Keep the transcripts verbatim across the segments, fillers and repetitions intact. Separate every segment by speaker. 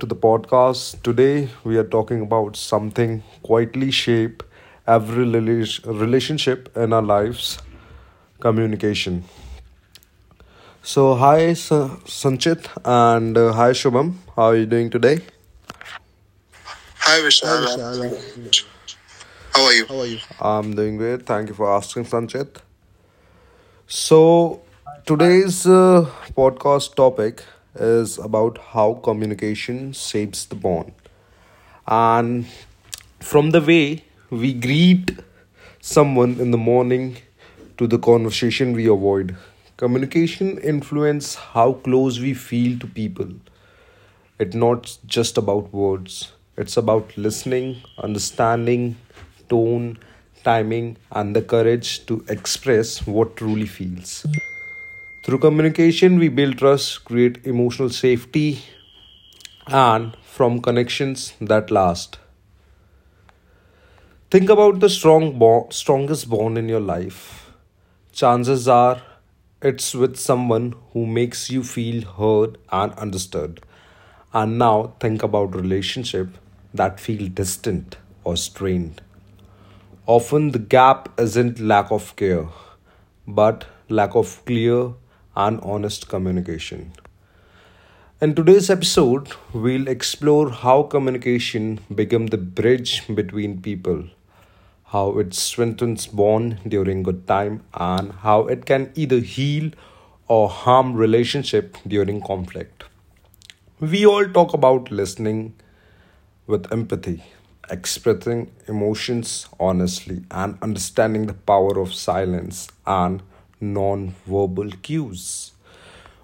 Speaker 1: to the podcast. Today we are talking about something quietly shape every relationship in our lives, communication. So hi Sa- Sanchit and uh, hi Shubham. How are you doing today? Hi
Speaker 2: Hi
Speaker 1: Vishal, I'm
Speaker 2: Vishal,
Speaker 1: doing
Speaker 2: I'm doing
Speaker 1: great.
Speaker 2: great.
Speaker 1: How are you?
Speaker 2: How are you?
Speaker 1: I'm doing great. Thank you for asking, Sanchit. So today's uh, podcast topic is about how communication shapes the bond. And from the way we greet someone in the morning to the conversation we avoid, communication influences how close we feel to people. It's not just about words. It's about listening, understanding, tone, timing, and the courage to express what truly feels. Through communication, we build trust, create emotional safety, and form connections that last. Think about the strong bond, strongest bond in your life. Chances are it's with someone who makes you feel heard and understood. And now think about relationship that feel distant or strained. Often the gap isn't lack of care, but lack of clear and honest communication. In today's episode, we'll explore how communication becomes the bridge between people, how it strengthens bond during good time, and how it can either heal or harm relationship during conflict. We all talk about listening, with empathy, expressing emotions honestly, and understanding the power of silence and non-verbal cues.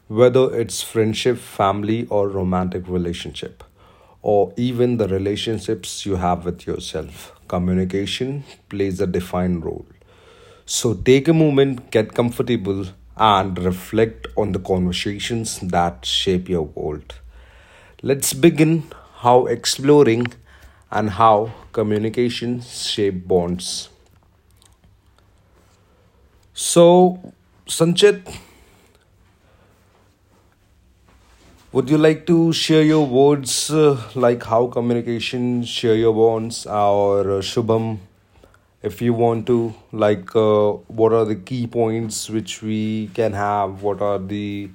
Speaker 1: Whether it's friendship, family, or romantic relationship, or even the relationships you have with yourself, communication plays a defined role. So take a moment, get comfortable, and reflect on the conversations that shape your world. Let's begin how exploring and how communication shape bonds. So, Sanchit, would you like to share your words uh, like how communication share your bonds or uh, Shubham? If you want to, like, uh, what are the key points which we can have? What are the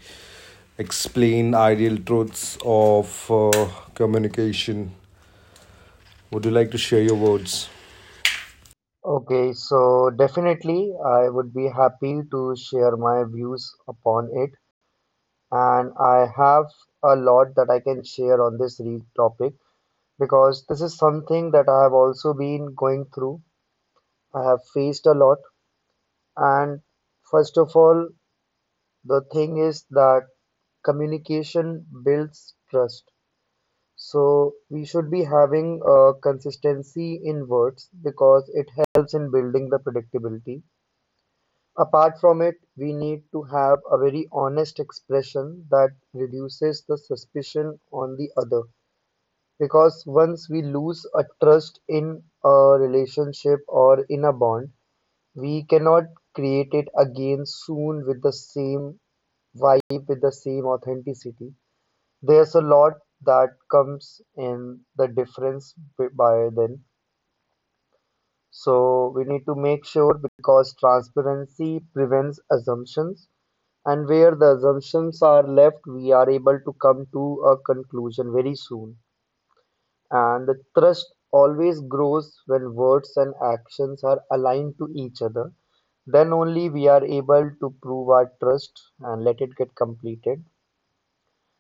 Speaker 1: explained ideal truths of uh, communication? Would you like to share your words?
Speaker 3: Okay, so definitely I would be happy to share my views upon it. And I have a lot that I can share on this re topic because this is something that I have also been going through. I have faced a lot. And first of all, the thing is that communication builds trust. So we should be having a consistency in words because it helps in building the predictability. Apart from it, we need to have a very honest expression that reduces the suspicion on the other. Because once we lose a trust in a relationship or in a bond, we cannot create it again soon with the same vibe, with the same authenticity. There's a lot that comes in the difference b- by then. So we need to make sure because transparency prevents assumptions, and where the assumptions are left, we are able to come to a conclusion very soon. And the trust always grows when words and actions are aligned to each other. Then only we are able to prove our trust and let it get completed.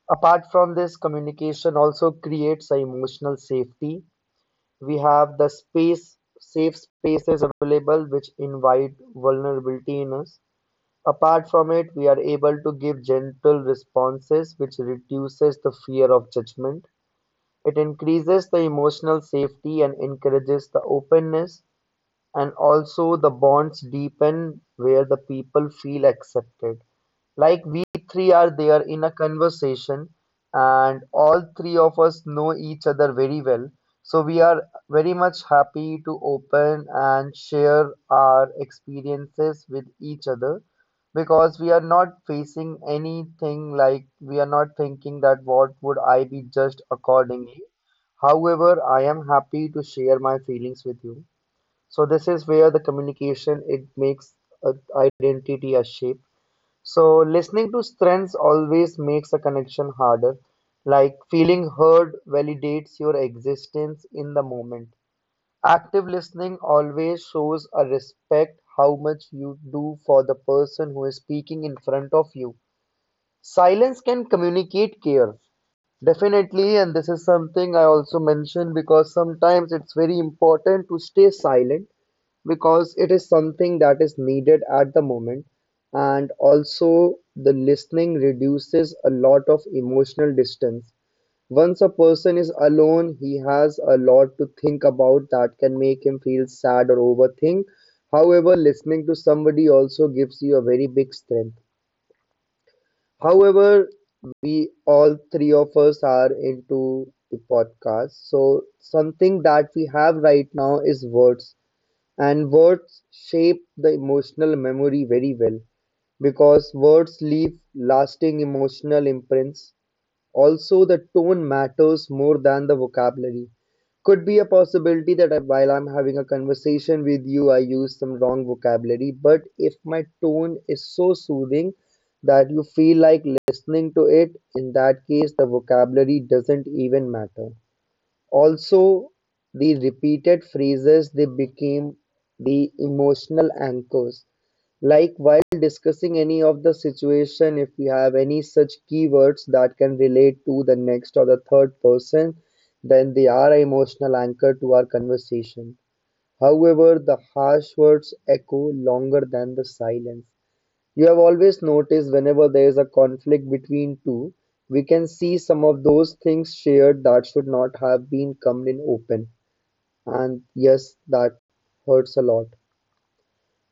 Speaker 3: Apart from this, communication also creates a emotional safety. We have the space safe spaces available which invite vulnerability in us. Apart from it, we are able to give gentle responses which reduces the fear of judgment. It increases the emotional safety and encourages the openness, and also the bonds deepen where the people feel accepted. Like we three are there in a conversation and all three of us know each other very well. So we are very much happy to open and share our experiences with each other because we are not facing anything, like we are not thinking that what would I be judged accordingly. However, I am happy to share my feelings with you. So this is where the communication, it makes a identity a shape. So listening to strengths always makes a connection harder. Like feeling heard validates your existence in the moment. Active listening always shows a respect how much you do for the person who is speaking in front of you. Silence can communicate care. Definitely, and this is something I also mentioned, because sometimes it's very important to stay silent because it is something that is needed at the moment. And also, the listening reduces a lot of emotional distance. Once a person is alone, he has a lot to think about that can make him feel sad or overthink. However, listening to somebody also gives you a very big strength. However, we all three of us are into the podcast. So something that we have right now is words, and words shape the emotional memory very well because words leave lasting emotional imprints. Also the tone matters more than the vocabulary. Could be a possibility that I, while I'm having a conversation with you, I use some wrong vocabulary. But if my tone is so soothing that you feel like listening to it, in that case, the vocabulary doesn't even matter. Also, the repeated phrases, they became the emotional anchors. Like while discussing any of the situation, if we have any such keywords that can relate to the next or the third person, then they are an emotional anchor to our conversation. However, the harsh words echo longer than the silence. You have always noticed whenever there is a conflict between two, we can see some of those things shared that should not have been come in open. And yes, that hurts a lot.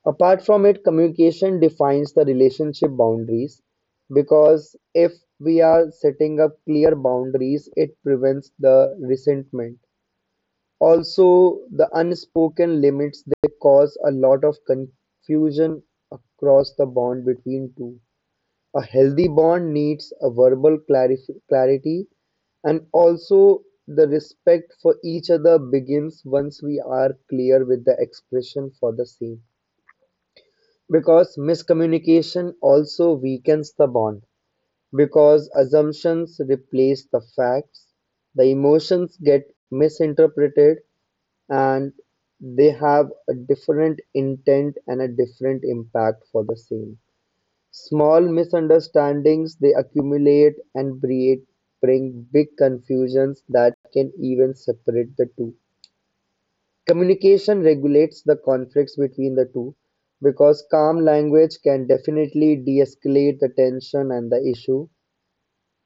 Speaker 3: Apart from it, communication defines the relationship boundaries, because if we are setting up clear boundaries, it prevents the resentment. Also, the unspoken limits, they cause a lot of confusion across the bond between two. A healthy bond needs a verbal clarif- clarity, and also the respect for each other begins once we are clear with the expression for the same. Because miscommunication also weakens the bond. Because assumptions replace the facts, the emotions get misinterpreted and they have a different intent and a different impact for the same. Small misunderstandings, they accumulate and breed, bring big confusions that can even separate the two. Communication regulates the conflicts between the two because calm language can definitely de escalate the tension and the issue.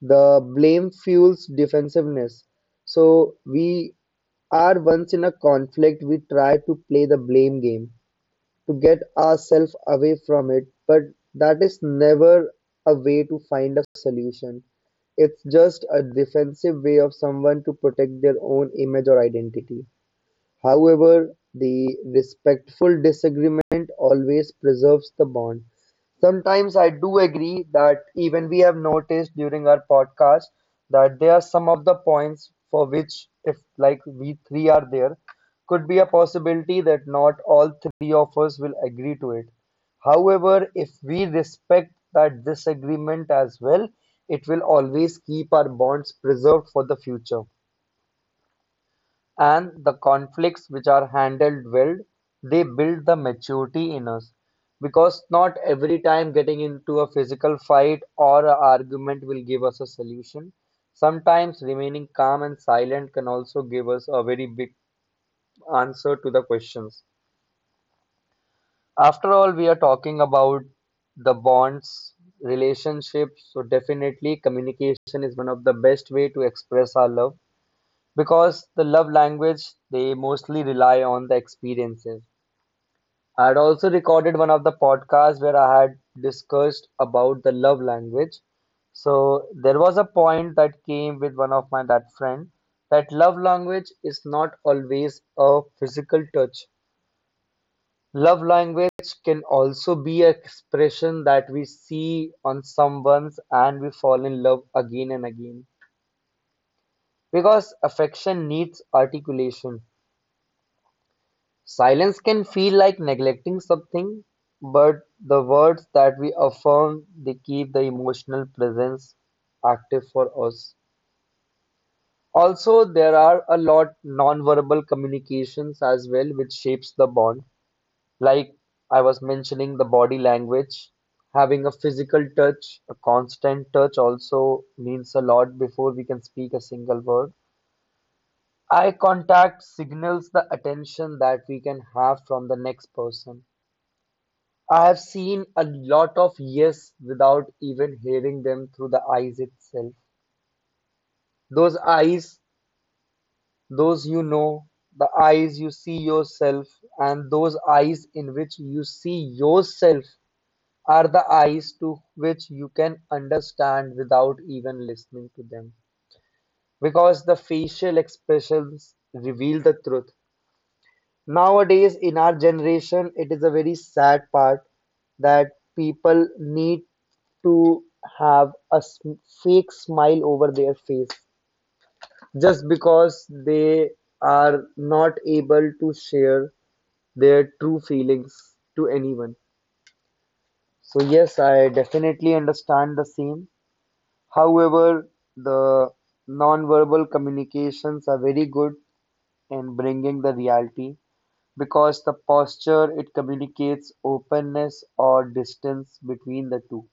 Speaker 3: The blame fuels defensiveness. So, we are once in a conflict, we try to play the blame game to get ourselves away from it, but that is never a way to find a solution. It's just a defensive way of someone to protect their own image or identity. However, the respectful disagreement always preserves the bond. Sometimes I do agree that even we have noticed during our podcast that there are some of the points for which, if like we three are there, could be a possibility that not all three of us will agree to it. However, if we respect that disagreement as well, it will always keep our bonds preserved for the future. And the conflicts which are handled well, they build the maturity in us. Because not every time getting into a physical fight or an argument will give us a solution. Sometimes remaining calm and silent can also give us a very big answer to the questions. After all, we are talking about the bonds, relationships, so definitely communication is one of the best way to express our love because the love language, they mostly rely on the experiences. I had also recorded one of the podcasts where I had discussed about the love language. So there was a point that came with one of my that friend that love language is not always a physical touch. Love language can also be an expression that we see on someone's and we fall in love again and again. Because affection needs articulation. Silence can feel like neglecting something, but the words that we affirm, they keep the emotional presence active for us. Also, there are a lot non-verbal communications as well, which shapes the bond. Like I was mentioning, the body language, having a physical touch, a constant touch also means a lot before we can speak a single word. Eye contact signals the attention that we can have from the next person. I have seen a lot of yes without even hearing them through the eyes itself. Those eyes, those you know, the eyes you see yourself, and those eyes in which you see yourself are the eyes to which you can understand without even listening to them. Because the facial expressions reveal the truth. Nowadays, in our generation, it is a very sad part that people need to have a s- fake smile over their face just because they are not able to share their true feelings to anyone. So, yes, I definitely understand the same. However, the non-verbal communications are very good in bringing the reality because the posture, it communicates openness or distance between the two.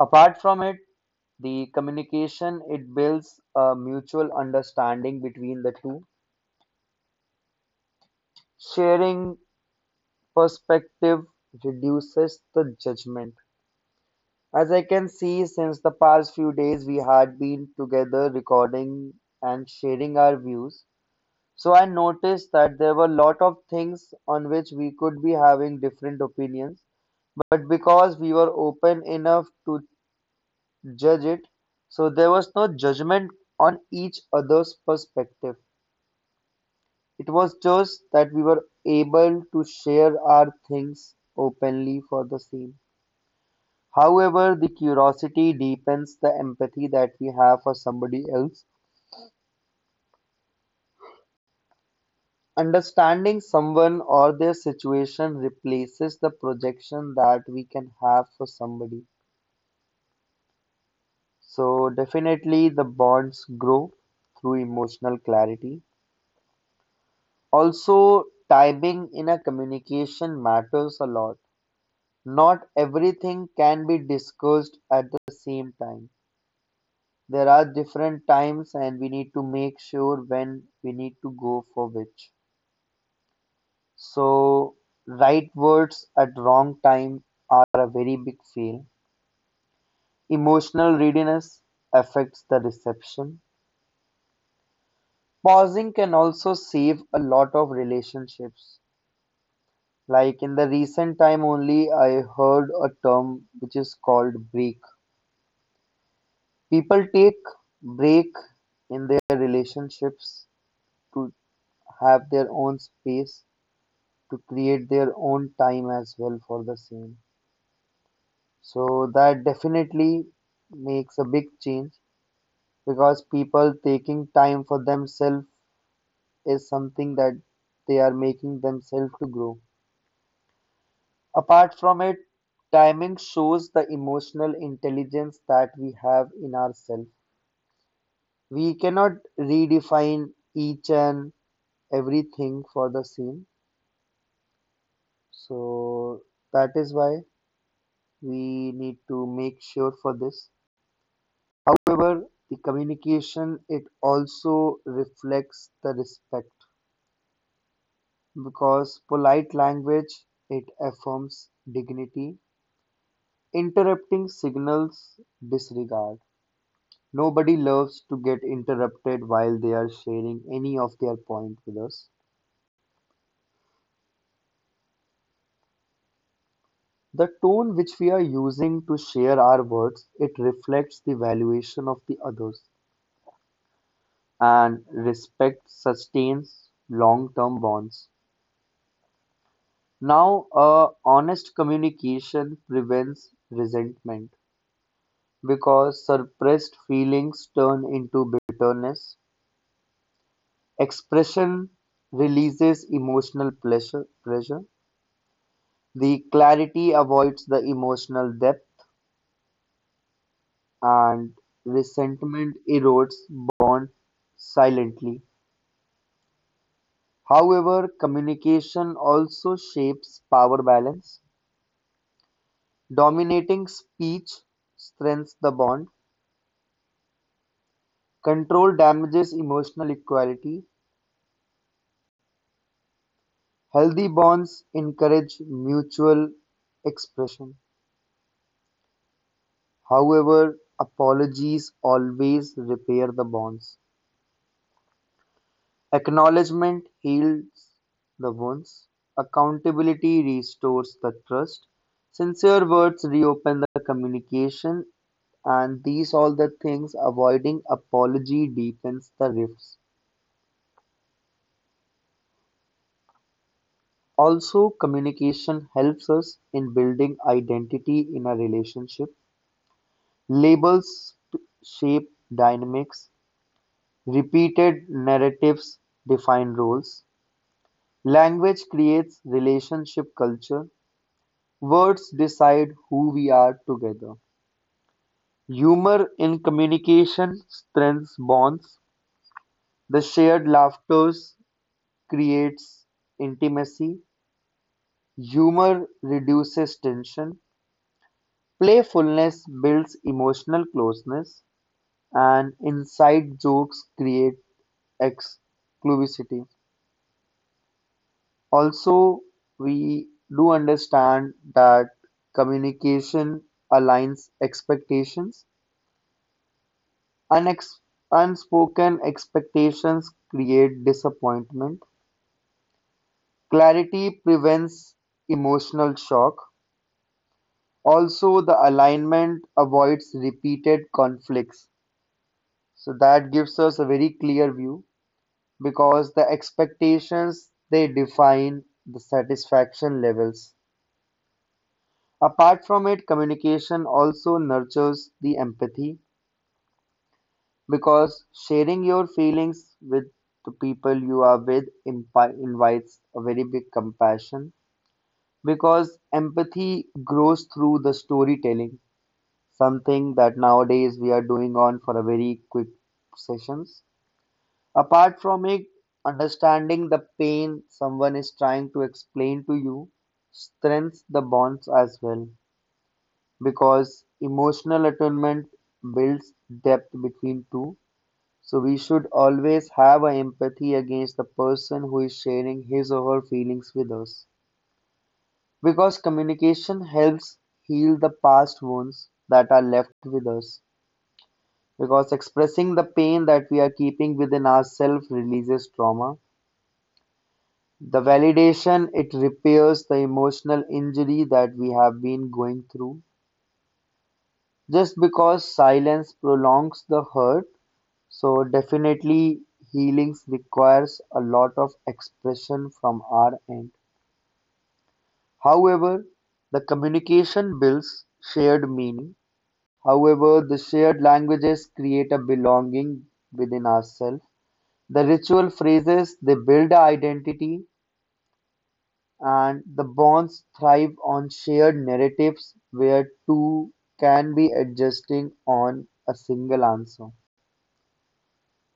Speaker 3: Apart from it, the communication, it builds a mutual understanding between the two. Sharing perspective reduces the judgment. As I can see, since the past few days we had been together recording and sharing our views, so I noticed that there were a lot of things on which we could be having different opinions, but because we were open enough to judge it, so there was no judgment on each other's perspective. It was just that we were able to share our things openly for the same. However, the curiosity deepens the empathy that we have for somebody else. Understanding someone or their situation replaces the projection that we can have for somebody. So, definitely, the bonds grow through emotional clarity. Also, timing in a communication matters a lot. Not everything can be discussed at the same time. There are different times and we need to make sure when we need to go for which. So, right words at wrong time are a very big fail. Emotional readiness affects the reception. Pausing can also save a lot of relationships. Like in the recent time only, I heard a term which is called break. People take break in their relationships to have their own space, to create their own time as well for the same. So that definitely makes a big change because people taking time for themselves is something that they are making themselves to grow. Apart from it, timing shows the emotional intelligence that we have in ourselves. We cannot redefine each and everything for the same. So that is why we need to make sure for this. However, the communication, it also reflects the respect, because polite language, it affirms dignity, interrupting signals disregard. Nobody loves to get interrupted while they are sharing any of their point with us. The tone which we are using to share our words, it reflects the valuation of the others, and respect sustains long-term bonds. Now, a honest communication prevents resentment because suppressed feelings turn into bitterness. Expression releases emotional pleasure, pressure. The clarity avoids the emotional depth, and resentment erodes bond silently. However, communication also shapes power balance. Dominating speech strengthens the bond. Control damages emotional equality. Healthy bonds encourage mutual expression; however, apologies always repair the bonds. Acknowledgement heals the wounds, accountability restores the trust, sincere words reopen the communication, and these all the things avoiding apology deepens the rifts. Also, communication helps us in building identity in a relationship. Labels shape dynamics, repeated narratives define roles, language creates relationship culture, words decide who we are together. Humor in communication strengthens bonds. The shared laughter creates intimacy. Humor reduces tension. Playfulness builds emotional closeness, and inside jokes create exclusivity. Also, we do understand that communication aligns expectations. Unex- Unspoken expectations create disappointment. Clarity prevents emotional shock. Also, the alignment avoids repeated conflicts. So, that gives us a very clear view, because the expectations they define the satisfaction levels. Apart from it, communication also nurtures the empathy, because sharing your feelings with the people you are with impi- invites a very big compassion, because empathy grows through the storytelling, something that nowadays we are doing on for a very quick sessions. Apart from it, understanding the pain someone is trying to explain to you strengthens the bonds as well, because emotional attunement builds depth between two. So we should always have an empathy against the person who is sharing his or her feelings with us, because communication helps heal the past wounds that are left with us, because expressing the pain that we are keeping within ourselves releases trauma. The validation, it repairs the emotional injury that we have been going through. Just because silence prolongs the hurt, so definitely healing requires a lot of expression from our end. However, the communication builds shared meaning. However, the shared languages create a belonging within ourselves. The ritual phrases they build our identity, and the bonds thrive on shared narratives where two can be adjusting on a single answer.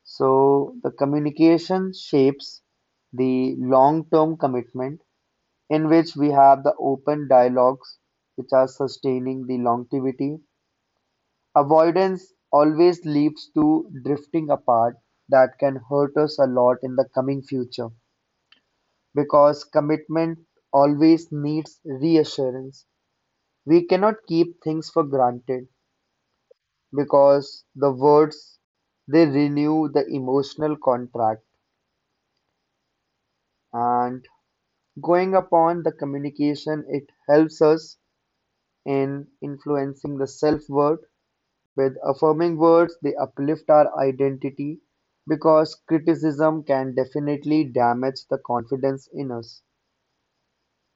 Speaker 3: So the communication shapes the long term commitment in which we have the open dialogues which are sustaining the longevity. Avoidance always leads to drifting apart that can hurt us a lot in the coming future, because commitment always needs reassurance. We cannot keep things for granted, because the words they renew the emotional contract, and going upon the communication it helps us in influencing the self-worth with affirming words they uplift our identity, because criticism can definitely damage the confidence in us,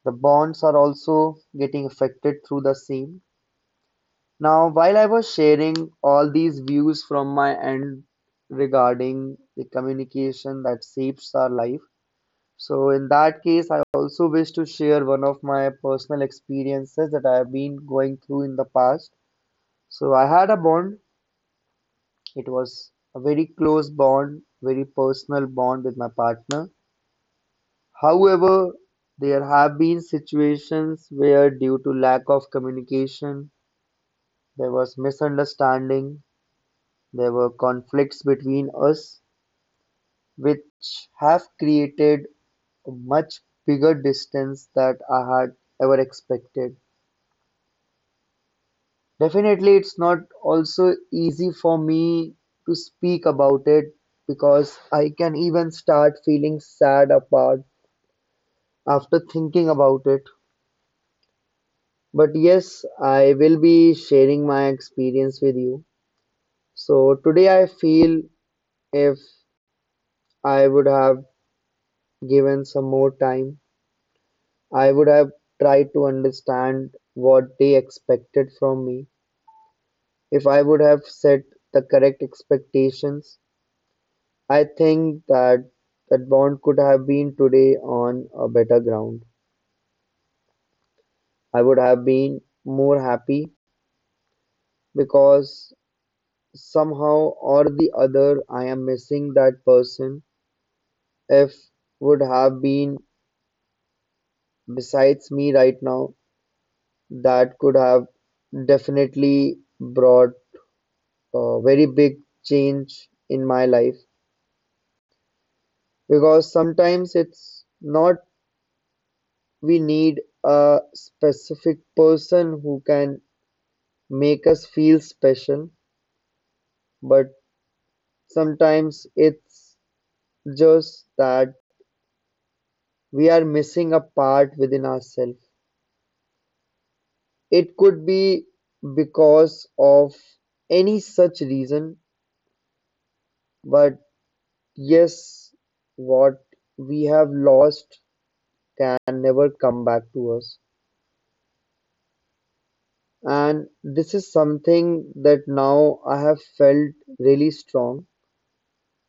Speaker 3: the bonds are also getting affected through the same. Now, while I was sharing all these views from my end regarding the communication that shapes our life, so in that case, I also wish to share one of my personal experiences that I have been going through in the past. So, I had a bond, it was a very close bond, very personal bond with my partner. However, there have been situations where, due to lack of communication, there was misunderstanding. There were conflicts between us which have created a much bigger distance that I had ever expected. Definitely, it's not also easy for me to speak about it, because I can even start feeling sad apart after thinking about it. But yes, I will be sharing my experience with you. So today I feel if I would have given some more time, I would have tried to understand what they expected from me. If I would have set the correct expectations, I think that that bond could have been today on a better ground. I would have been more happy, because somehow or the other I am missing that person. If would have been besides me right now, that could have definitely brought a very big change in my life, because sometimes it's not we need a specific person who can make us feel special, but sometimes it's just that we are missing a part within ourselves. It could be because of any such reason, but yes, what we have lost can never come back to us. And this is something that now I have felt really strong,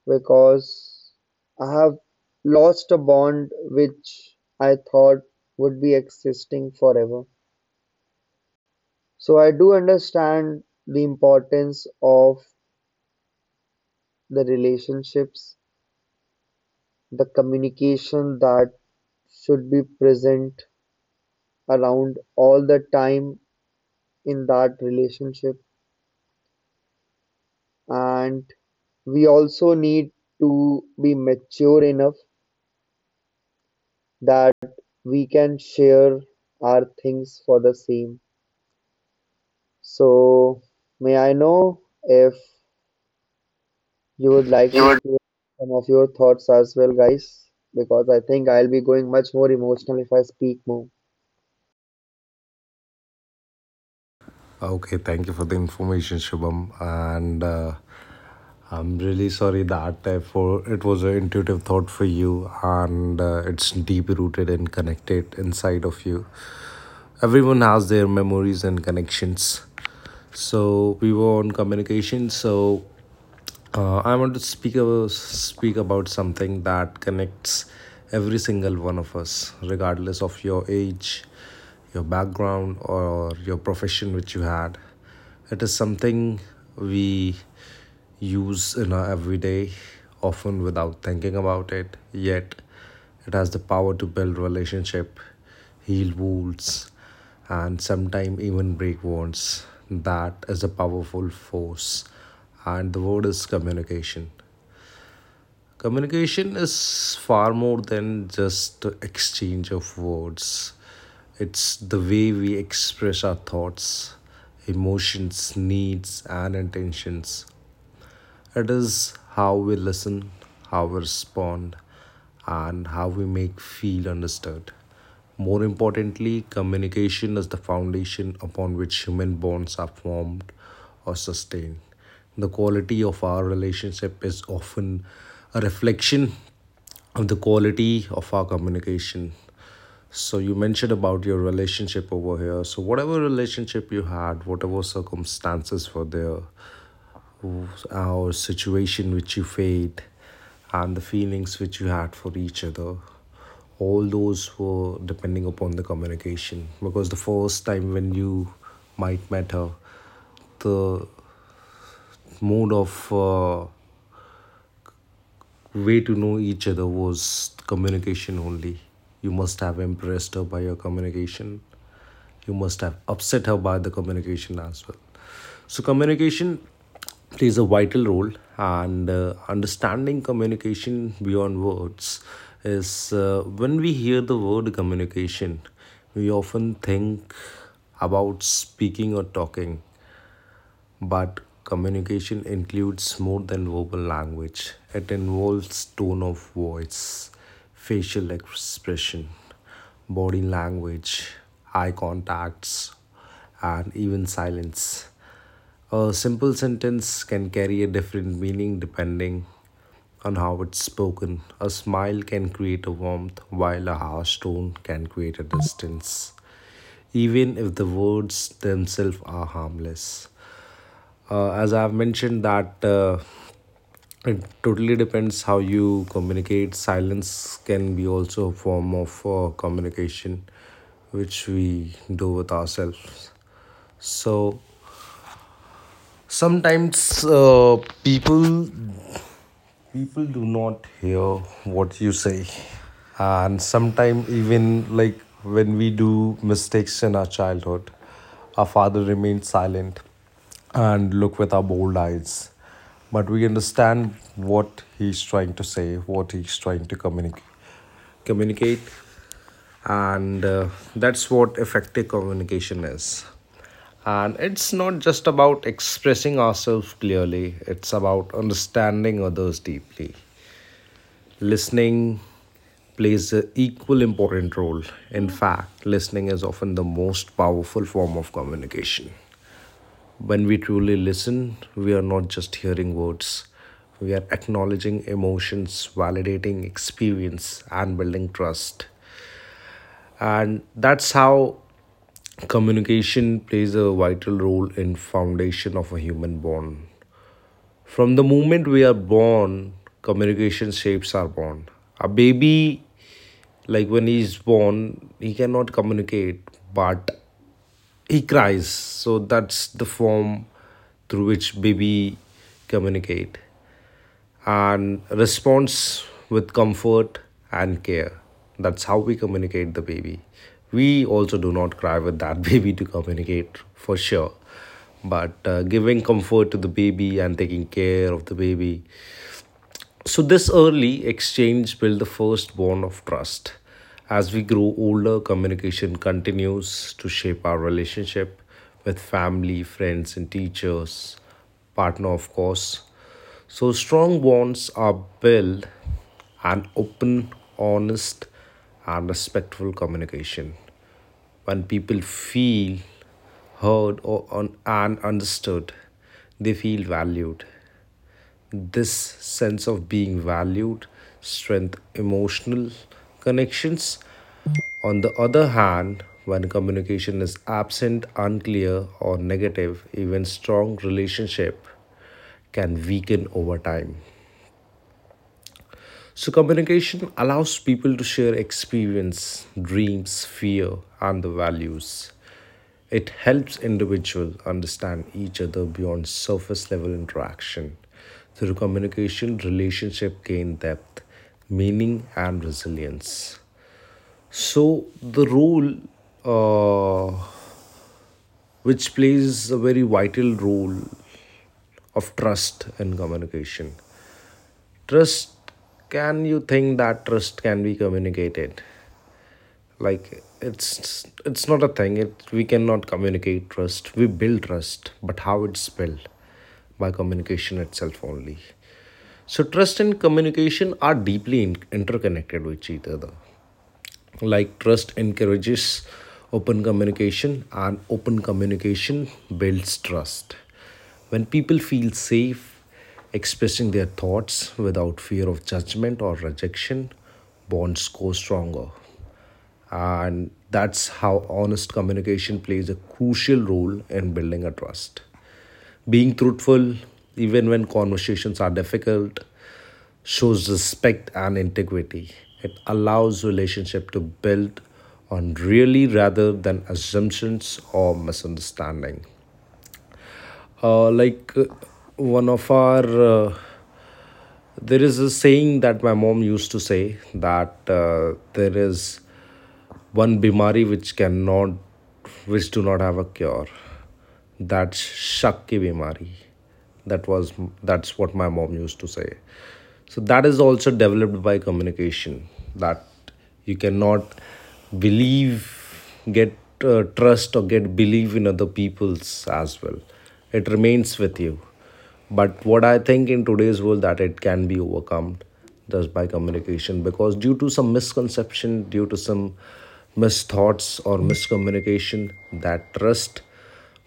Speaker 3: because I have lost a bond which I thought would be existing forever. So I do understand the importance of the relationships, the communication that should be present around all the time in that relationship, and we also need to be mature enough that we can share our things for the same. So, may I know if you would like
Speaker 1: You
Speaker 3: to
Speaker 1: were
Speaker 3: share some of your thoughts as well, guys? Because I think I'll be going much more emotional if I speak more.
Speaker 1: ah, okay, thank you for the information, Shubham. And uh, I'm really sorry that I for it was an intuitive thought for you, and uh, it's deep rooted and connected inside of you. Everyone has their memories and connections. So we were on communication. So uh, I want to speak about, speak about something that connects every single one of us, regardless of your age, your background, or your profession which you had. It is something we use in our everyday, often without thinking about it, yet it has the power to build relationship, heal wounds, and sometimes even break wounds. That is a powerful force. And the word is communication. Communication is far more than just the exchange of words. It's the way we express our thoughts, emotions, needs, and intentions. It is how we listen, how we respond, and how we make feel understood. More importantly, communication is the foundation upon which human bonds are formed or sustained. The quality of our relationship is often a reflection of the quality of our communication. So you mentioned about your relationship over here. So whatever relationship you had, whatever circumstances were there, our situation which you faced and the feelings which you had for each other, all those were depending upon the communication, because the first time when you might met her, the mode of uh, way to know each other was communication only. You must have impressed her by your communication, you must have upset her by the communication as well. So, communication plays a vital role, and uh, understanding communication beyond words is uh, when we hear the word communication, we often think about speaking or talking, but communication includes more than verbal language. It involves tone of voice, facial expression, body language, eye contacts, and even silence. A simple sentence can carry a different meaning depending on how it's spoken. A smile can create a warmth, while a harsh tone can create a distance even if the words themselves are harmless, uh, as I've mentioned that uh, it totally depends how you communicate. Silence can be also a form of uh, communication, which we do with ourselves. So sometimes uh, people people do not hear what you say, and sometimes even like when we do mistakes in our childhood, our father remains silent and look with our bold eyes, but we understand what he's trying to say, what he's trying to communicate communicate, and uh, that's what effective communication is. And it's not just about expressing ourselves clearly, it's about understanding others deeply. Listening plays an equal important role. In fact, listening is often the most powerful form of communication. When we truly listen, we are not just hearing words, we are acknowledging emotions, validating experience, and building trust. And that's how communication plays a vital role in foundation of a human bond. From the moment we are born, communication shapes our bond. A baby, like when he's born he cannot communicate but he cries, so that's the form through which baby communicate and responds with comfort and care. That's how we communicate the baby. We also do not cry with that baby to communicate for sure, but uh, giving comfort to the baby and taking care of the baby. So, this early exchange built the first bond of trust. As we grow older, communication continues to shape our relationship with family, friends, and teachers, partner, of course. So, strong bonds are built on open, honest, and respectful communication. When people feel heard or un- and understood, they feel valued. This sense of being valued strength emotional connections. On the other hand, when communication is absent, unclear or negative, even strong relationship can weaken over time. So, communication allows people to share experience, dreams, fear, and the values. It helps individuals understand each other beyond surface level interaction. Through communication, relationship gain depth, meaning, and resilience. So, the role uh, which plays a very vital role of trust in communication. Trust, can you think that trust can be communicated? Like, it's it's not a thing, it we cannot communicate trust, we build trust, but how it's built? By communication itself only. So trust and communication are deeply in- interconnected with each other. Like, trust encourages open communication, and open communication builds trust. When people feel safe expressing their thoughts without fear of judgment or rejection, bonds grow stronger. And that's how honest communication plays a crucial role in building a trust. Being truthful, even when conversations are difficult, shows respect and integrity. It allows relationship to build on really rather than assumptions or misunderstanding. Uh, like uh, one of our uh, there is a saying that my mom used to say that uh, there is one bimari which cannot, which do not have a cure. That's shakki bimari. That was that's what my mom used to say. So that is also developed by communication. That you cannot believe, get uh, trust or get belief in other people's as well. It remains with you. But what I think in today's world that it can be overcome just by communication, because due to some misconception, due to some misthoughts or miscommunication, that trust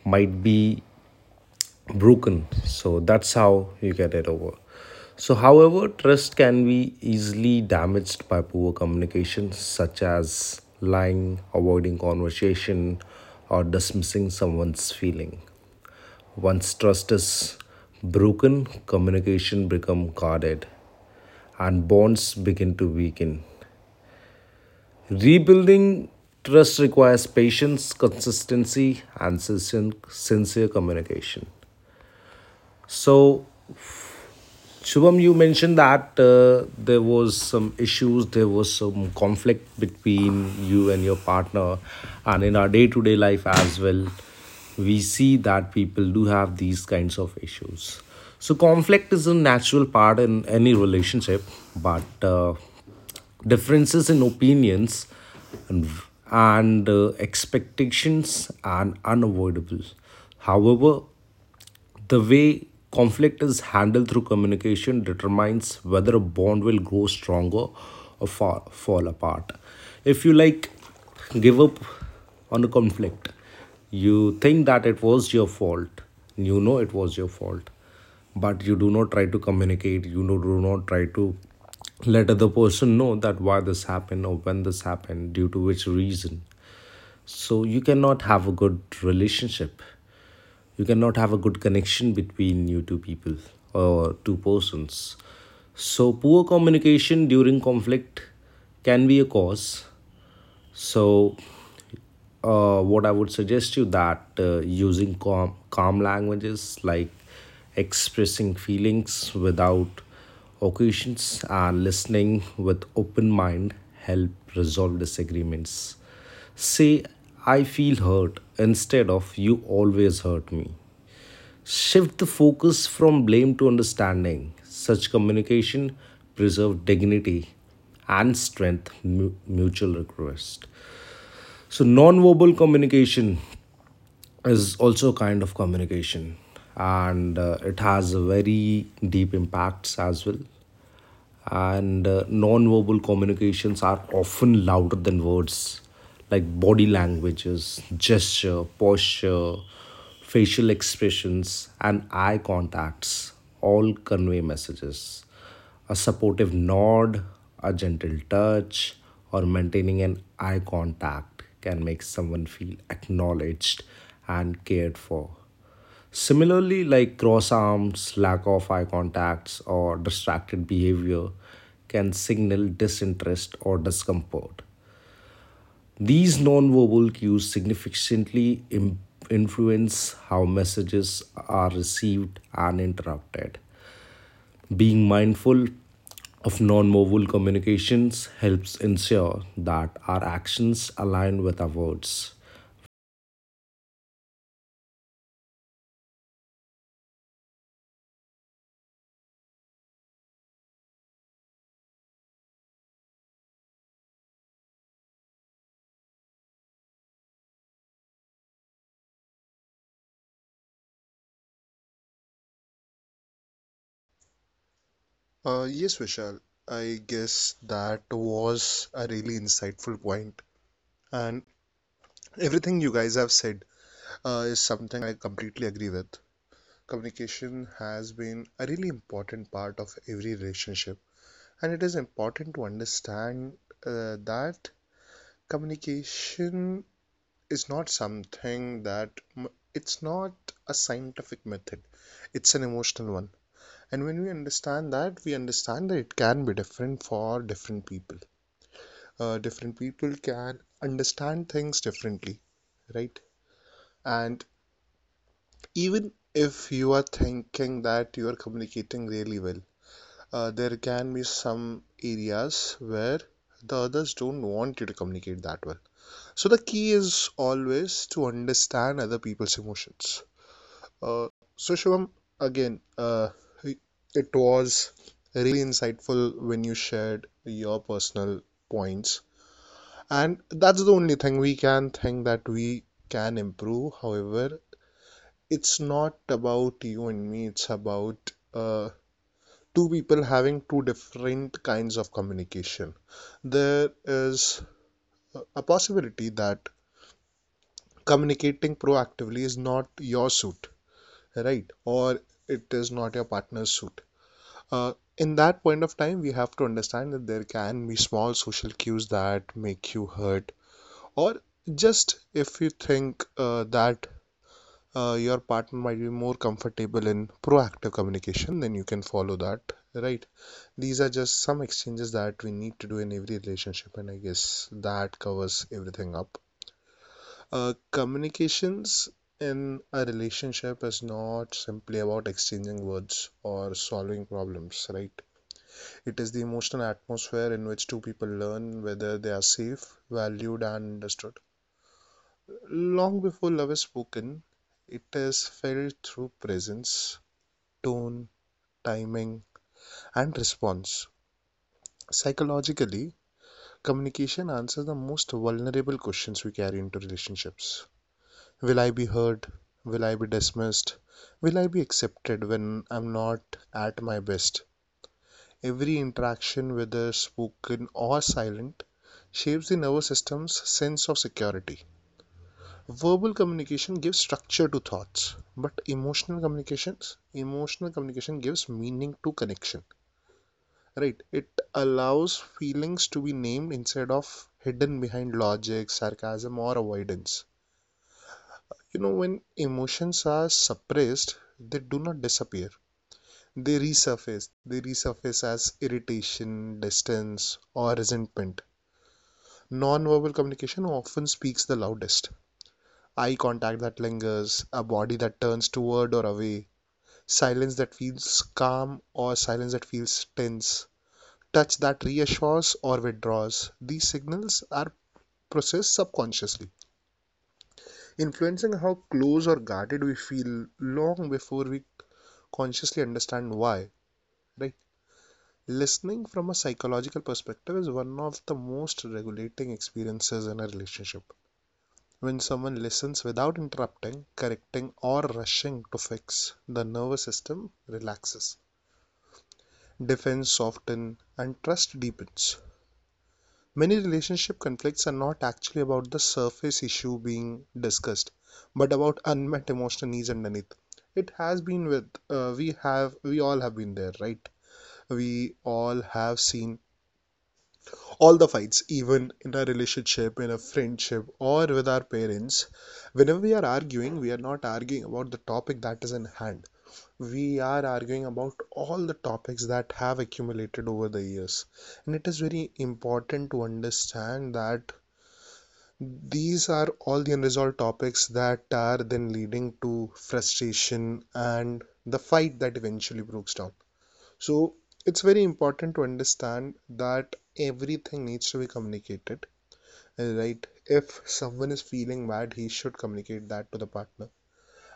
Speaker 1: might be broken. So that's how you get it over. So however, trust can be easily damaged by poor communication such as lying, avoiding conversation, or dismissing someone's feeling. Once trust is broken, communication become guarded and bonds begin to weaken. Rebuilding trust requires patience, consistency, and sincere sincere communication. So, Shubham, you mentioned that uh, there was some issues, there was some conflict between you and your partner, and in our day-to-day life as well, we see that people do have these kinds of issues. So conflict is a natural part in any relationship, but uh, differences in opinions and, and uh, expectations are unavoidable. However, the way conflict is handled through communication determines whether a bond will grow stronger or fall fall apart. If you like give up on a conflict, you think that it was your fault, you know it was your fault, but you do not try to communicate, you do do not try to let other person know that why this happened or when this happened due to which reason, so you cannot have a good relationship, you cannot have a good connection between you two people or two persons. So, poor communication during conflict can be a cause. So, uh, what I would suggest you that uh, using calm, calm languages like expressing feelings without occasions and listening with open mind help resolve disagreements. Say, I feel hurt instead of you always hurt me. Shift the focus from blame to understanding. Such communication preserves dignity and strength mutual request. So non-verbal communication is also a kind of communication, and uh, it has very deep impacts as well, and uh, non-verbal communications are often louder than words. Like body languages, gesture, posture, facial expressions, and eye contacts all convey messages. A supportive nod, a gentle touch, or maintaining an eye contact can make someone feel acknowledged and cared for. Similarly, like cross arms, lack of eye contacts, or distracted behavior can signal disinterest or discomfort. These nonverbal cues significantly im- influence how messages are received and interpreted. Being mindful of nonverbal communications helps ensure that our actions align with our words.
Speaker 2: Uh, yes, Vishal, I guess that was a really insightful point, and everything you guys have said uh, is something I completely agree with. Communication has been a really important part of every relationship, and it is important to understand uh, that communication is not something that m- it's not a scientific method, it's an emotional one, and when we understand that, we understand that it can be different for different people. Uh, different people can understand things differently, right? And even if you are thinking that you are communicating really well, uh, there can be some areas where the others don't want you to communicate that well, so the key is always to understand other people's emotions. Uh, so Shivam, again, uh, it was really insightful when you shared your personal points, and that's the only thing we can think that we can improve. However, it's not about you and me; it's about uh, two people having two different kinds of communication. There is a possibility that communicating proactively is not your suit, right? Or it is not your partner's suit. Uh, in that point of time, we have to understand that there can be small social cues that make you hurt, or just if you think uh, that uh, your partner might be more comfortable in proactive communication, then you can follow that, right? These are just some exchanges that we need to do in every relationship, and I guess that covers everything up. Uh, communications in a relationship is not simply about exchanging words or solving problems, right? It is the emotional atmosphere in which two people learn whether they are safe, valued, and understood. Long before love is spoken, it is felt through presence, tone, timing, and response. Psychologically, communication answers the most vulnerable questions we carry into relationships. Will I be heard? Will I be dismissed? Will I be accepted when I'm not at my best? Every interaction, whether spoken or silent, shapes the nervous system's sense of security. Verbal communication gives structure to thoughts, but emotional communications, emotional communication gives meaning to connection. Right? It allows feelings to be named instead of hidden behind logic, sarcasm, or avoidance. You know, when emotions are suppressed, they do not disappear. They resurface. They resurface as irritation, distance, or resentment. Non-verbal communication often speaks the loudest. Eye contact that lingers, a body that turns toward or away, silence that feels calm or silence that feels tense, touch that reassures or withdraws. These signals are processed subconsciously, influencing how close or guarded we feel long before we consciously understand why, right? Listening from a psychological perspective is one of the most regulating experiences in a relationship. When someone listens without interrupting, correcting, or rushing to fix, the nervous system relaxes. Defense softens and trust deepens. Many relationship conflicts are not actually about the surface issue being discussed, but about unmet emotional needs underneath. It has been with uh, we have we all have been there, right? We all have seen all the fights, even in a relationship, in a friendship, or with our parents. Whenever we are arguing, we are not arguing about the topic that is in hand. We are arguing about all the topics that have accumulated over the years. And it is very important to understand that these are all the unresolved topics that are then leading to frustration and the fight that eventually breaks down. So it's very important to understand that everything needs to be communicated, right? If someone is feeling bad, he should communicate that to the partner.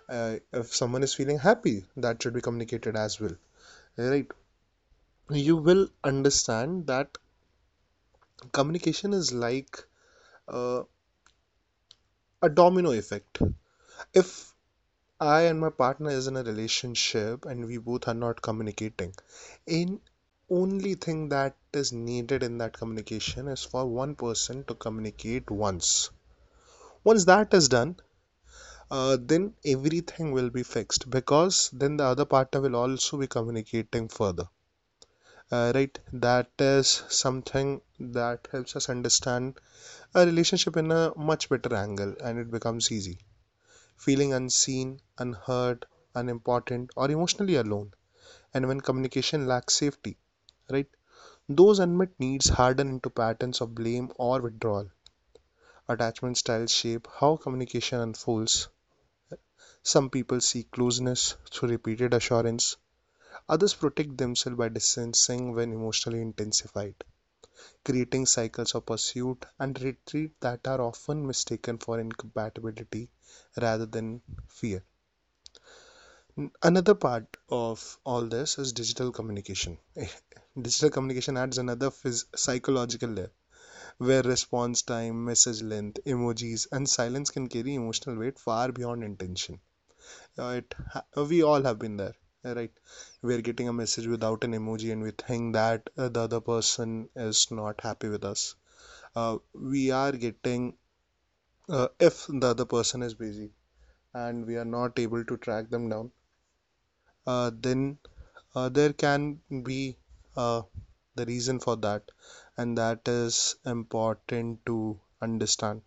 Speaker 2: uh, If someone is feeling happy, that should be communicated as well, right? You will understand that communication is like uh, a domino effect. If I and my partner is in a relationship and we both are not communicating, in only thing that is needed in that communication is for one person to communicate once. Once that is done, uh, then everything will be fixed, because then the other partner will also be communicating further, uh, right? That is something that helps us understand a relationship in a much better angle, and it becomes easy feeling unseen, unheard, unimportant, or emotionally alone. And when communication lacks safety, right, those unmet needs harden into patterns of blame or withdrawal. Attachment styles shape how communication unfolds. Some people seek closeness through repeated assurance. Others protect themselves by distancing when emotionally intensified, creating cycles of pursuit and retreat that are often mistaken for incompatibility rather than fear. Another part of all this is digital communication. Digital communication adds another phys- psychological layer where response time, message length, emojis, and silence can carry emotional weight far beyond intention. Uh, it We all have been there, yeah, right? We are getting a message without an emoji and we think that uh, the other person is not happy with us. Uh, we are getting uh, If the other person is busy and we are not able to track them down, uh, then uh, there can be uh, the reason for that, and that is important to understand,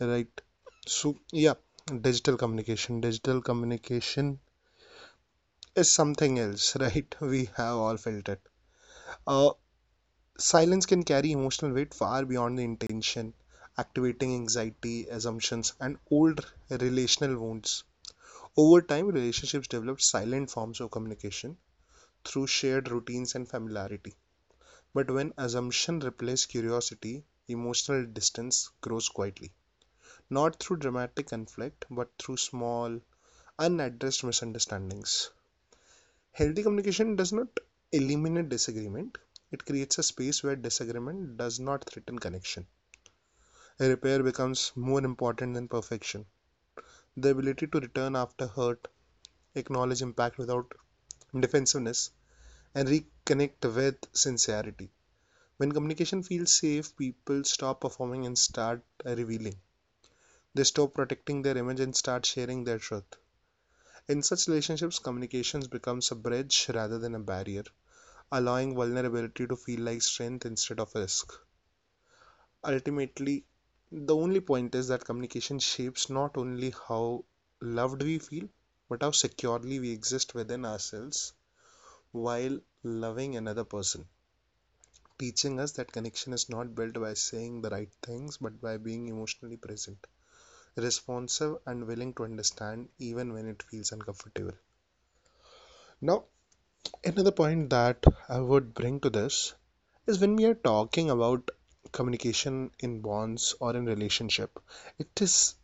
Speaker 2: right? So yeah, digital communication digital communication is something else, right? We have all felt it. Uh, silence can carry emotional weight far beyond the intention, activating anxiety, assumptions, and old relational wounds. Over time, relationships develop silent forms of communication through shared routines and familiarity. But when assumption replaces curiosity, emotional distance grows quietly, not through dramatic conflict, but through small, unaddressed misunderstandings. Healthy communication does not eliminate disagreement; it creates a space where disagreement does not threaten connection. Repair becomes more important than perfection. The ability to return after hurt, acknowledge impact without defensiveness, and reconnect with sincerity. When communication feels safe, people stop performing and start revealing. They stop protecting their image and start sharing their truth. In such relationships, communications becomes a bridge rather than a barrier, allowing vulnerability to feel like strength instead of risk. Ultimately, the only point is that communication shapes not only how loved we feel, but how securely we exist within ourselves while loving another person, teaching us that connection is not built by saying the right things, but by being emotionally present, responsive, and willing to understand even when it feels uncomfortable. Now, another point that I would bring to this is, when we are talking about communication in bonds or in relationship, it is,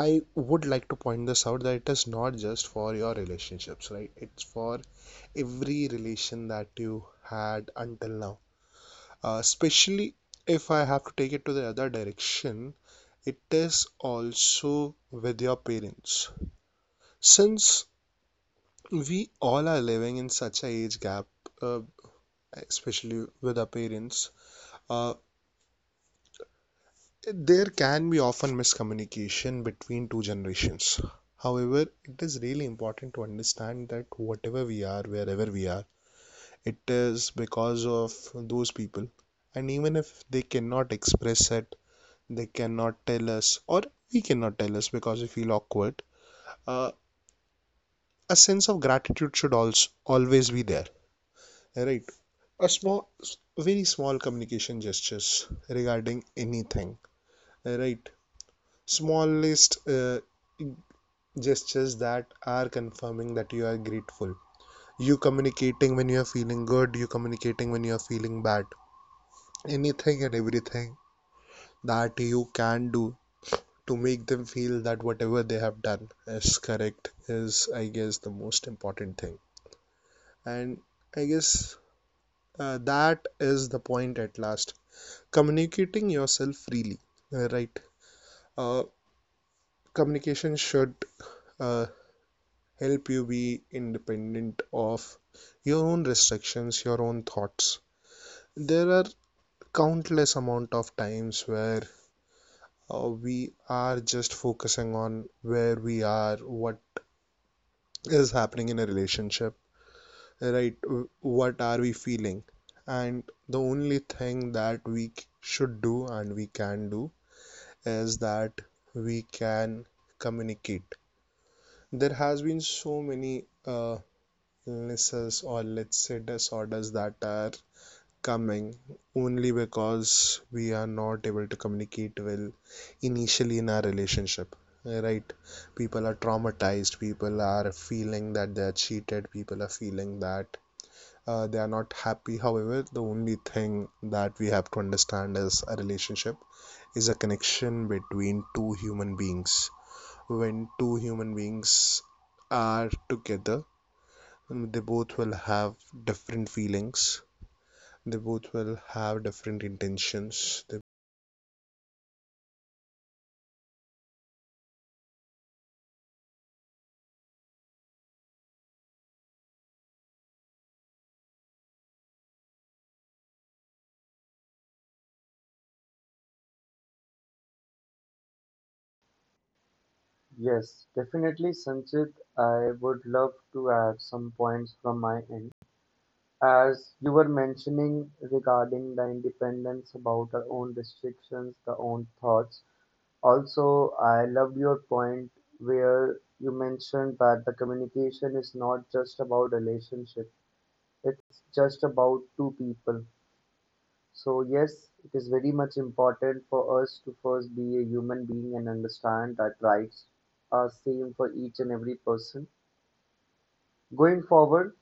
Speaker 2: I would like to point this out, that it is not just for your relationships, right? It's for every relation that you had until now. Uh, especially if I have to take it to the other direction, it is also with your parents. Since we all are living in such a age gap, uh, especially with our parents, uh, there can be often miscommunication between two generations. However, it is really important to understand that whatever we are, wherever we are, it is because of those people. And even if they cannot express it, they cannot tell us, or we cannot tell us because we feel awkward, uh, a sense of gratitude should also always be there, right? A small, very small communication gestures regarding anything, right? Smallest uh, gestures that are confirming that you are grateful, you communicating when you are feeling good, you communicating when you are feeling bad, anything and everything that you can do to make them feel that whatever they have done is correct, is I guess the most important thing. And I guess uh, that is the point at last, communicating yourself freely, uh, right uh, Communication should uh, help you be independent of your own restrictions, your own thoughts. There are countless amount of times where uh, we are just focusing on where we are, what is happening in a relationship, right? What are we feeling? And the only thing that we should do and we can do is that we can communicate. There has been so many uh, illnesses, or let's say disorders, that are coming only because we are not able to communicate well initially in our relationship, right? People are traumatized, people are feeling that they are cheated, people are feeling that uh, they are not happy. However, the only thing that we have to understand is a relationship is a connection between two human beings. When two human beings are together, um, they both will have different feelings, they both will have different intentions, they…
Speaker 3: Yes, definitely, Sanchit. I would love to add some points from my end. As you were mentioning regarding the independence about our own restrictions, the own thoughts, also, I loved your point where you mentioned that the communication is not just about relationship, it's just about two people. So, yes, it is very much important for us to first be a human being and understand that rights are same for each and every person. Going forward,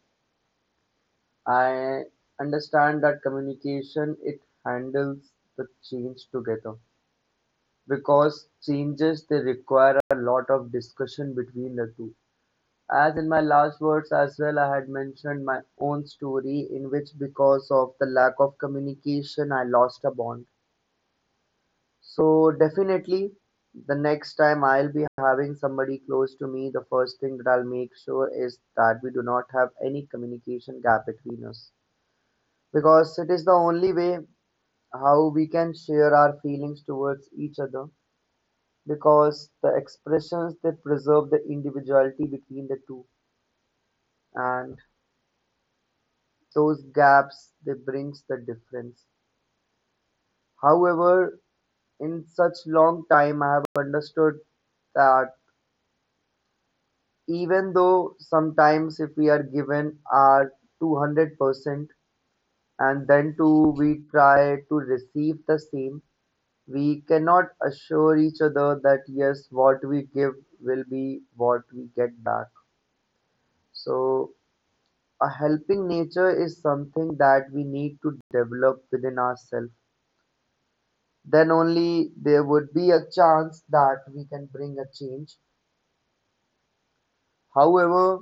Speaker 3: I understand that communication it handles the change together, because changes they require a lot of discussion between the two. As in my last words as well, I had mentioned my own story in which, because of the lack of communication, I lost a bond. So, definitely, the next time I'll be having somebody close to me, the first thing that I'll make sure is that we do not have any communication gap between us. Because it is the only way how we can share our feelings towards each other, because the expressions that preserve the individuality between the two and those gaps they brings the difference. However, in such long time I have understood that even though sometimes if we are given our two hundred percent and then too we try to receive the same, we cannot assure each other that yes, what we give will be what we get back. So, a helping nature is something that we need to develop within ourselves, then only there would be a chance that we can bring a change. However,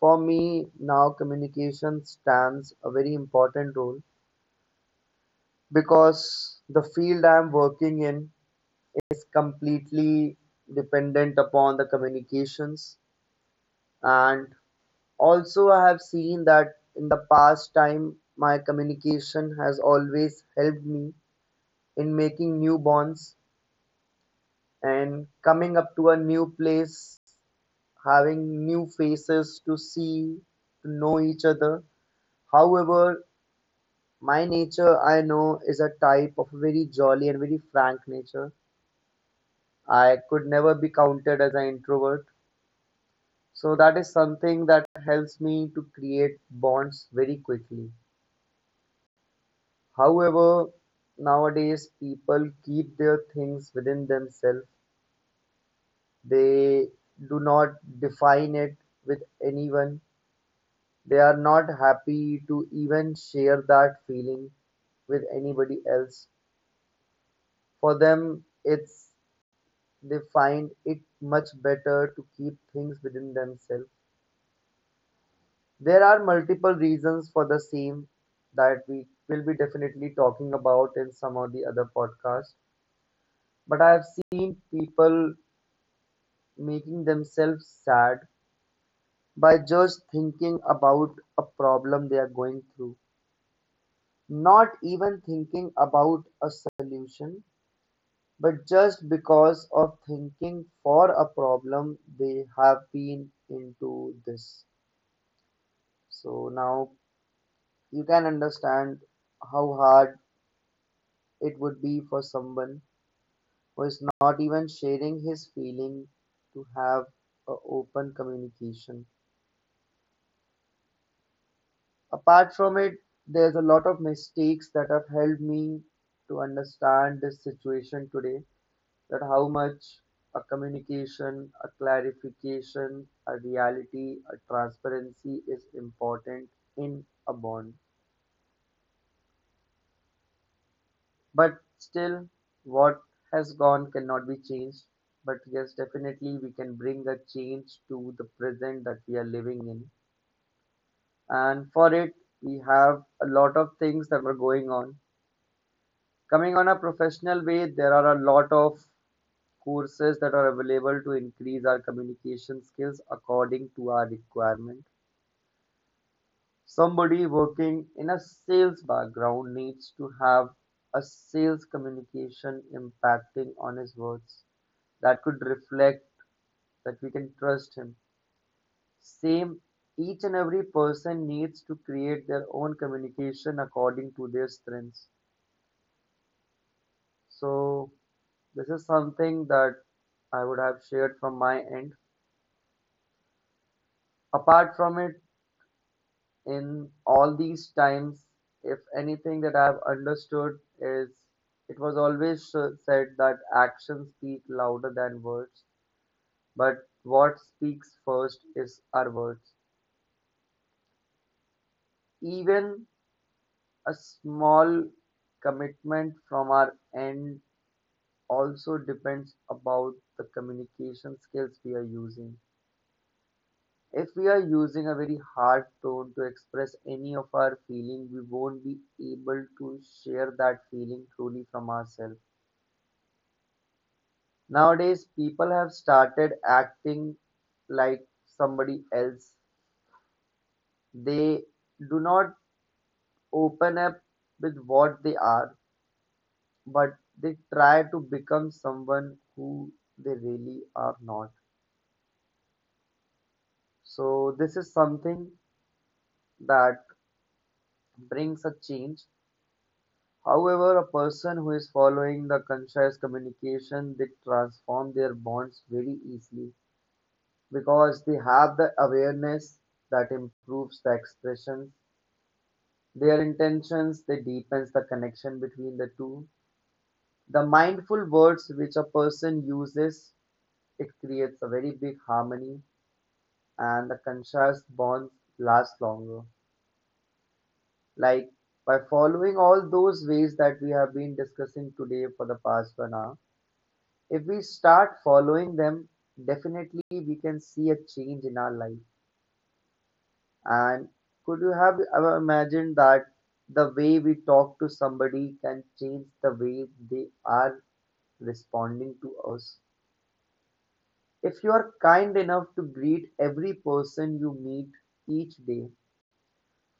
Speaker 3: for me, now communication stands a very important role, because the field I'm working in is completely dependent upon the communications. And also, I have seen that in the past time, my communication has always helped me in making new bonds and coming up to a new place having new faces to see, to know each other. However, my nature I know is a type of very jolly and very frank nature. I could never be counted as an introvert. So that is something that helps me to create bonds very quickly. However, nowadays people keep their things within themselves. They do not define it with anyone. They are not happy to even share that feeling with anybody else. For them, it's they find it much better to keep things within themselves. There are multiple reasons for the same that we will be definitely talking about in some of the other podcasts. But I have seen people making themselves sad by just thinking about a problem they are going through, not even thinking about a solution, but just because of thinking for a problem, they have been into this. So now you can understand how hard it would be for someone who is not even sharing his feeling to have a open communication. Apart from it, there's a lot of mistakes that have helped me to understand this situation today, that how much a communication, a clarification, a reality, a transparency is important in a bond. But still, what has gone cannot be changed. But yes, definitely we can bring a change to the present that we are living in. And for it, we have a lot of things that were going on. Coming on a professional way, there are a lot of courses that are available to increase our communication skills according to our requirement. Somebody working in a sales background needs to have a sales communication impacting on his words that could reflect that we can trust him. Same, each and every person needs to create their own communication according to their strengths. So, this is something that I would have shared from my end. Apart from it, in all these times, if anything that I've understood is it was always uh, said that actions speak louder than words, but what speaks first is our words. Even a small commitment from our end also depends about the communication skills we are using. If we are using a very hard tone to express any of our feeling, we won't be able to share that feeling truly from ourselves. Nowadays, people have started acting like somebody else. They do not open up with what they are, but they try to become someone who they really are not. So, this is something that brings a change. However, a person who is following the conscious communication, they transform their bonds very easily, because they have the awareness that improves the expression, their intentions, they deepens the connection between the two. The mindful words which a person uses, it creates a very big harmony and the conscious bonds last longer. Like, by following all those ways that we have been discussing today for the past one hour, if we start following them, definitely we can see a change in our life. And could you have ever imagined that the way we talk to somebody can change the way they are responding to us? If you are kind enough to greet every person you meet each day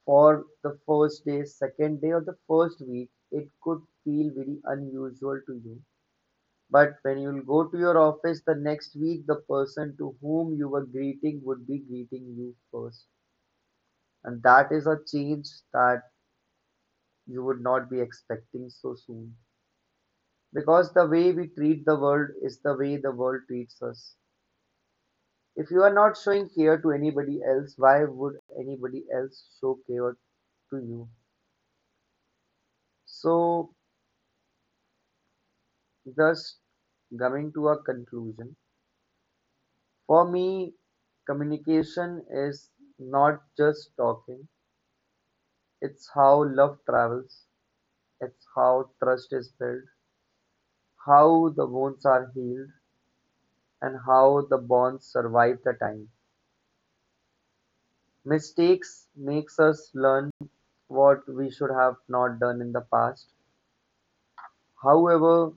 Speaker 3: for the first day, second day, or the first week, it could feel very unusual to you. But when you'll go to your office the next week, the person to whom you were greeting would be greeting you first. And that is a change that you would not be expecting so soon, because the way we treat the world is the way the world treats us. If you are not showing care to anybody else, why would anybody else show care to you? So, thus coming to a conclusion, for me, communication is not just talking. It's how love travels, it's how trust is built, how the wounds are healed, and how the bonds survive the time. Mistakes makes us learn what we should have not done in the past. However,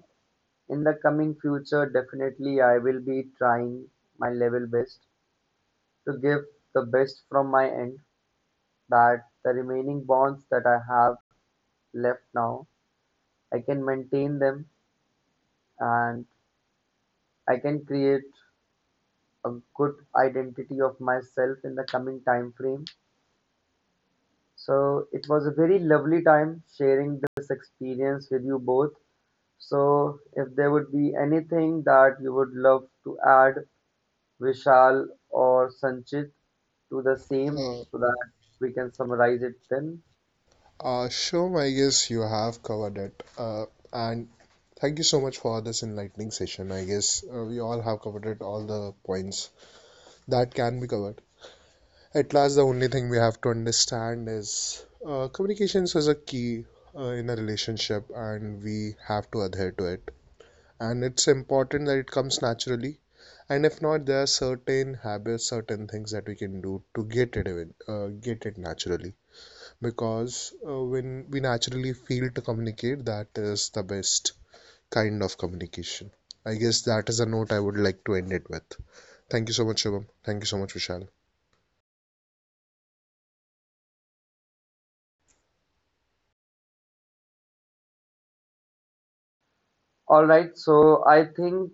Speaker 3: in the coming future, definitely I will be trying my level best to give the best from my end, that the remaining bonds that I have left now, I can maintain them and I can create a good identity of myself in the coming time frame. So it was a very lovely time sharing this experience with you both. So if there would be anything that you would love to add, Vishal or Sanchit, to the same
Speaker 2: Uh,
Speaker 3: so that we can summarize it then.
Speaker 2: uh, sure, I guess you have covered it. Uh, and thank you so much for this enlightening session. I guess uh, we all have covered it, all the points that can be covered. At last, the only thing we have to understand is uh, communications is a key uh, in a relationship, and we have to adhere to it. And it's important that it comes naturally. And if not, there are certain habits, certain things that we can do to get it even, uh, get it naturally. Because uh, when we naturally feel to communicate, that is the best kind of communication. I guess that is a note I would like to end it with. Thank you so much, Shubham. Thank you so much, Vishal.
Speaker 3: All right, so I think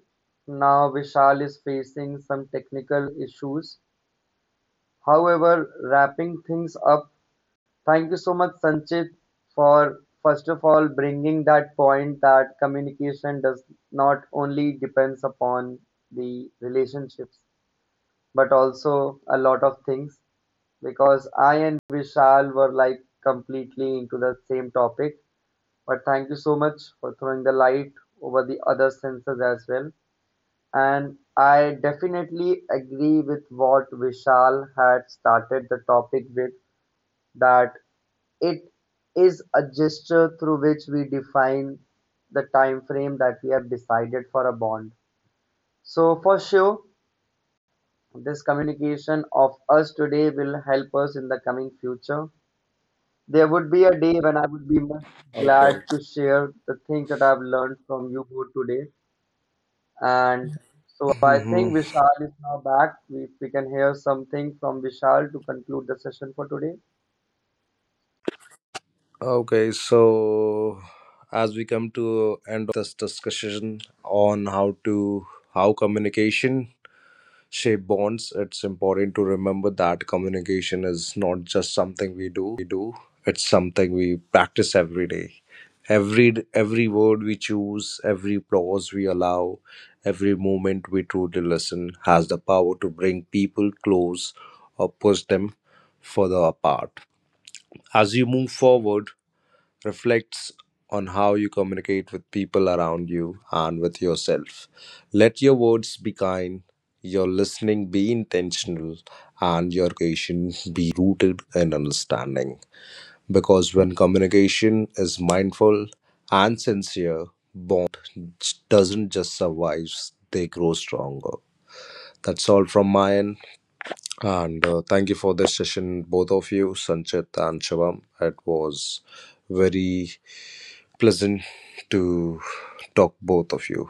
Speaker 3: now Vishal is facing some technical issues. However, wrapping things up, thank you so much, Sanchit, for first of all bringing that point that communication does not only depends upon the relationships but also a lot of things, because I and Vishal were like completely into the same topic. But thank you so much for throwing the light over the other senses as well. And I definitely agree with what Vishal had started the topic with, that it is a gesture through which we define the time frame that we have decided for a bond. So for sure, this communication of us today will help us in the coming future. There would be a day when I would be much
Speaker 4: Okay.
Speaker 3: glad to share the things that I've learned from you both today. And so I think
Speaker 4: Mhm.
Speaker 3: Vishal is now back. We, we can hear something from Vishal to conclude the session for today.
Speaker 4: Okay, so as we come to end of this discussion on how to how communication shape bonds, it's important to remember that communication is not just something we do, it's something we practice every day. Every every word we choose, every pause we allow, every moment we truly listen has the power to bring people close or push them further apart. As you move forward, reflects on how you communicate with people around you and with yourself. Let your words be kind, your listening be intentional, and your communication be rooted in understanding, because when communication is mindful and sincere, bond doesn't just survive, they grow stronger. That's all from my end, and uh, thank you for this session, both of you, Sanchit and Shivam. It was very pleasant to talk both of you.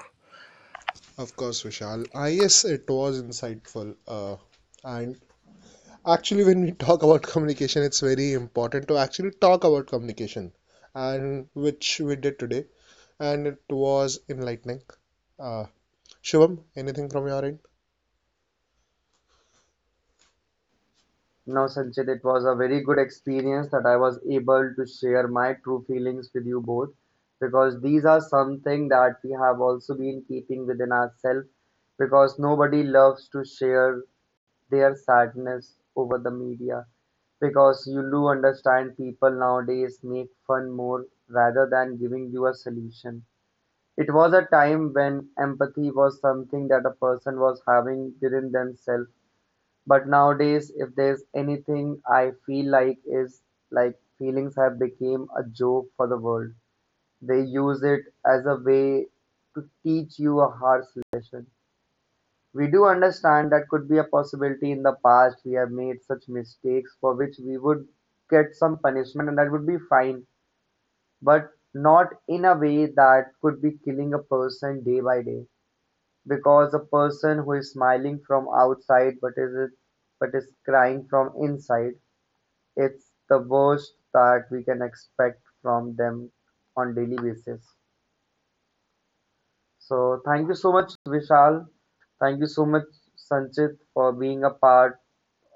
Speaker 2: Of course, Vishal. I Yes, it was insightful. Uh, and actually, when we talk about communication, it's very important to actually talk about communication, and which we did today, and it was enlightening. Uh, Shubham, anything from your end?
Speaker 3: No, Sanchit, it was a very good experience that I was able to share my true feelings with you both, because these are something that we have also been keeping within ourselves, because nobody loves to share their sadness over the media, because you do understand people nowadays make fun more rather than giving you a solution. It was a time when empathy was something that a person was having within themselves, but nowadays, if there's anything I feel like, is like feelings have become a joke for the world. They use it as a way to teach you a harsh lesson. We do understand that could be a possibility. In the past, we have made such mistakes for which we would get some punishment and that would be fine, but not in a way that could be killing a person day by day. Because a person who is smiling from outside but is but is crying from inside, it's the worst that we can expect from them on daily basis. So thank you so much, Vishal. Thank you so much, Sanchit, for being a part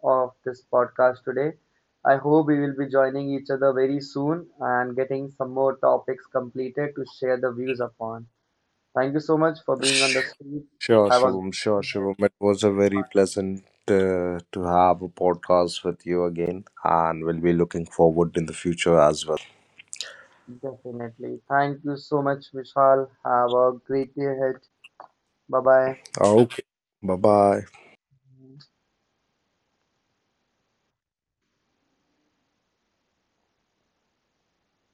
Speaker 3: of this podcast today. I hope we will be joining each other very soon and getting some more topics completed to share the views upon. Thank you so much for being on the
Speaker 4: Sure,
Speaker 3: street. Have a great
Speaker 4: Shivam. Sure,
Speaker 3: day
Speaker 4: Shivam. It was a very pleasant uh, to have a podcast with you again, and we'll be looking forward in the future as well.
Speaker 3: ahead. Definitely. Thank you so much, Vishal. Have a great day ahead. Bye bye.
Speaker 4: Okay. Bye bye.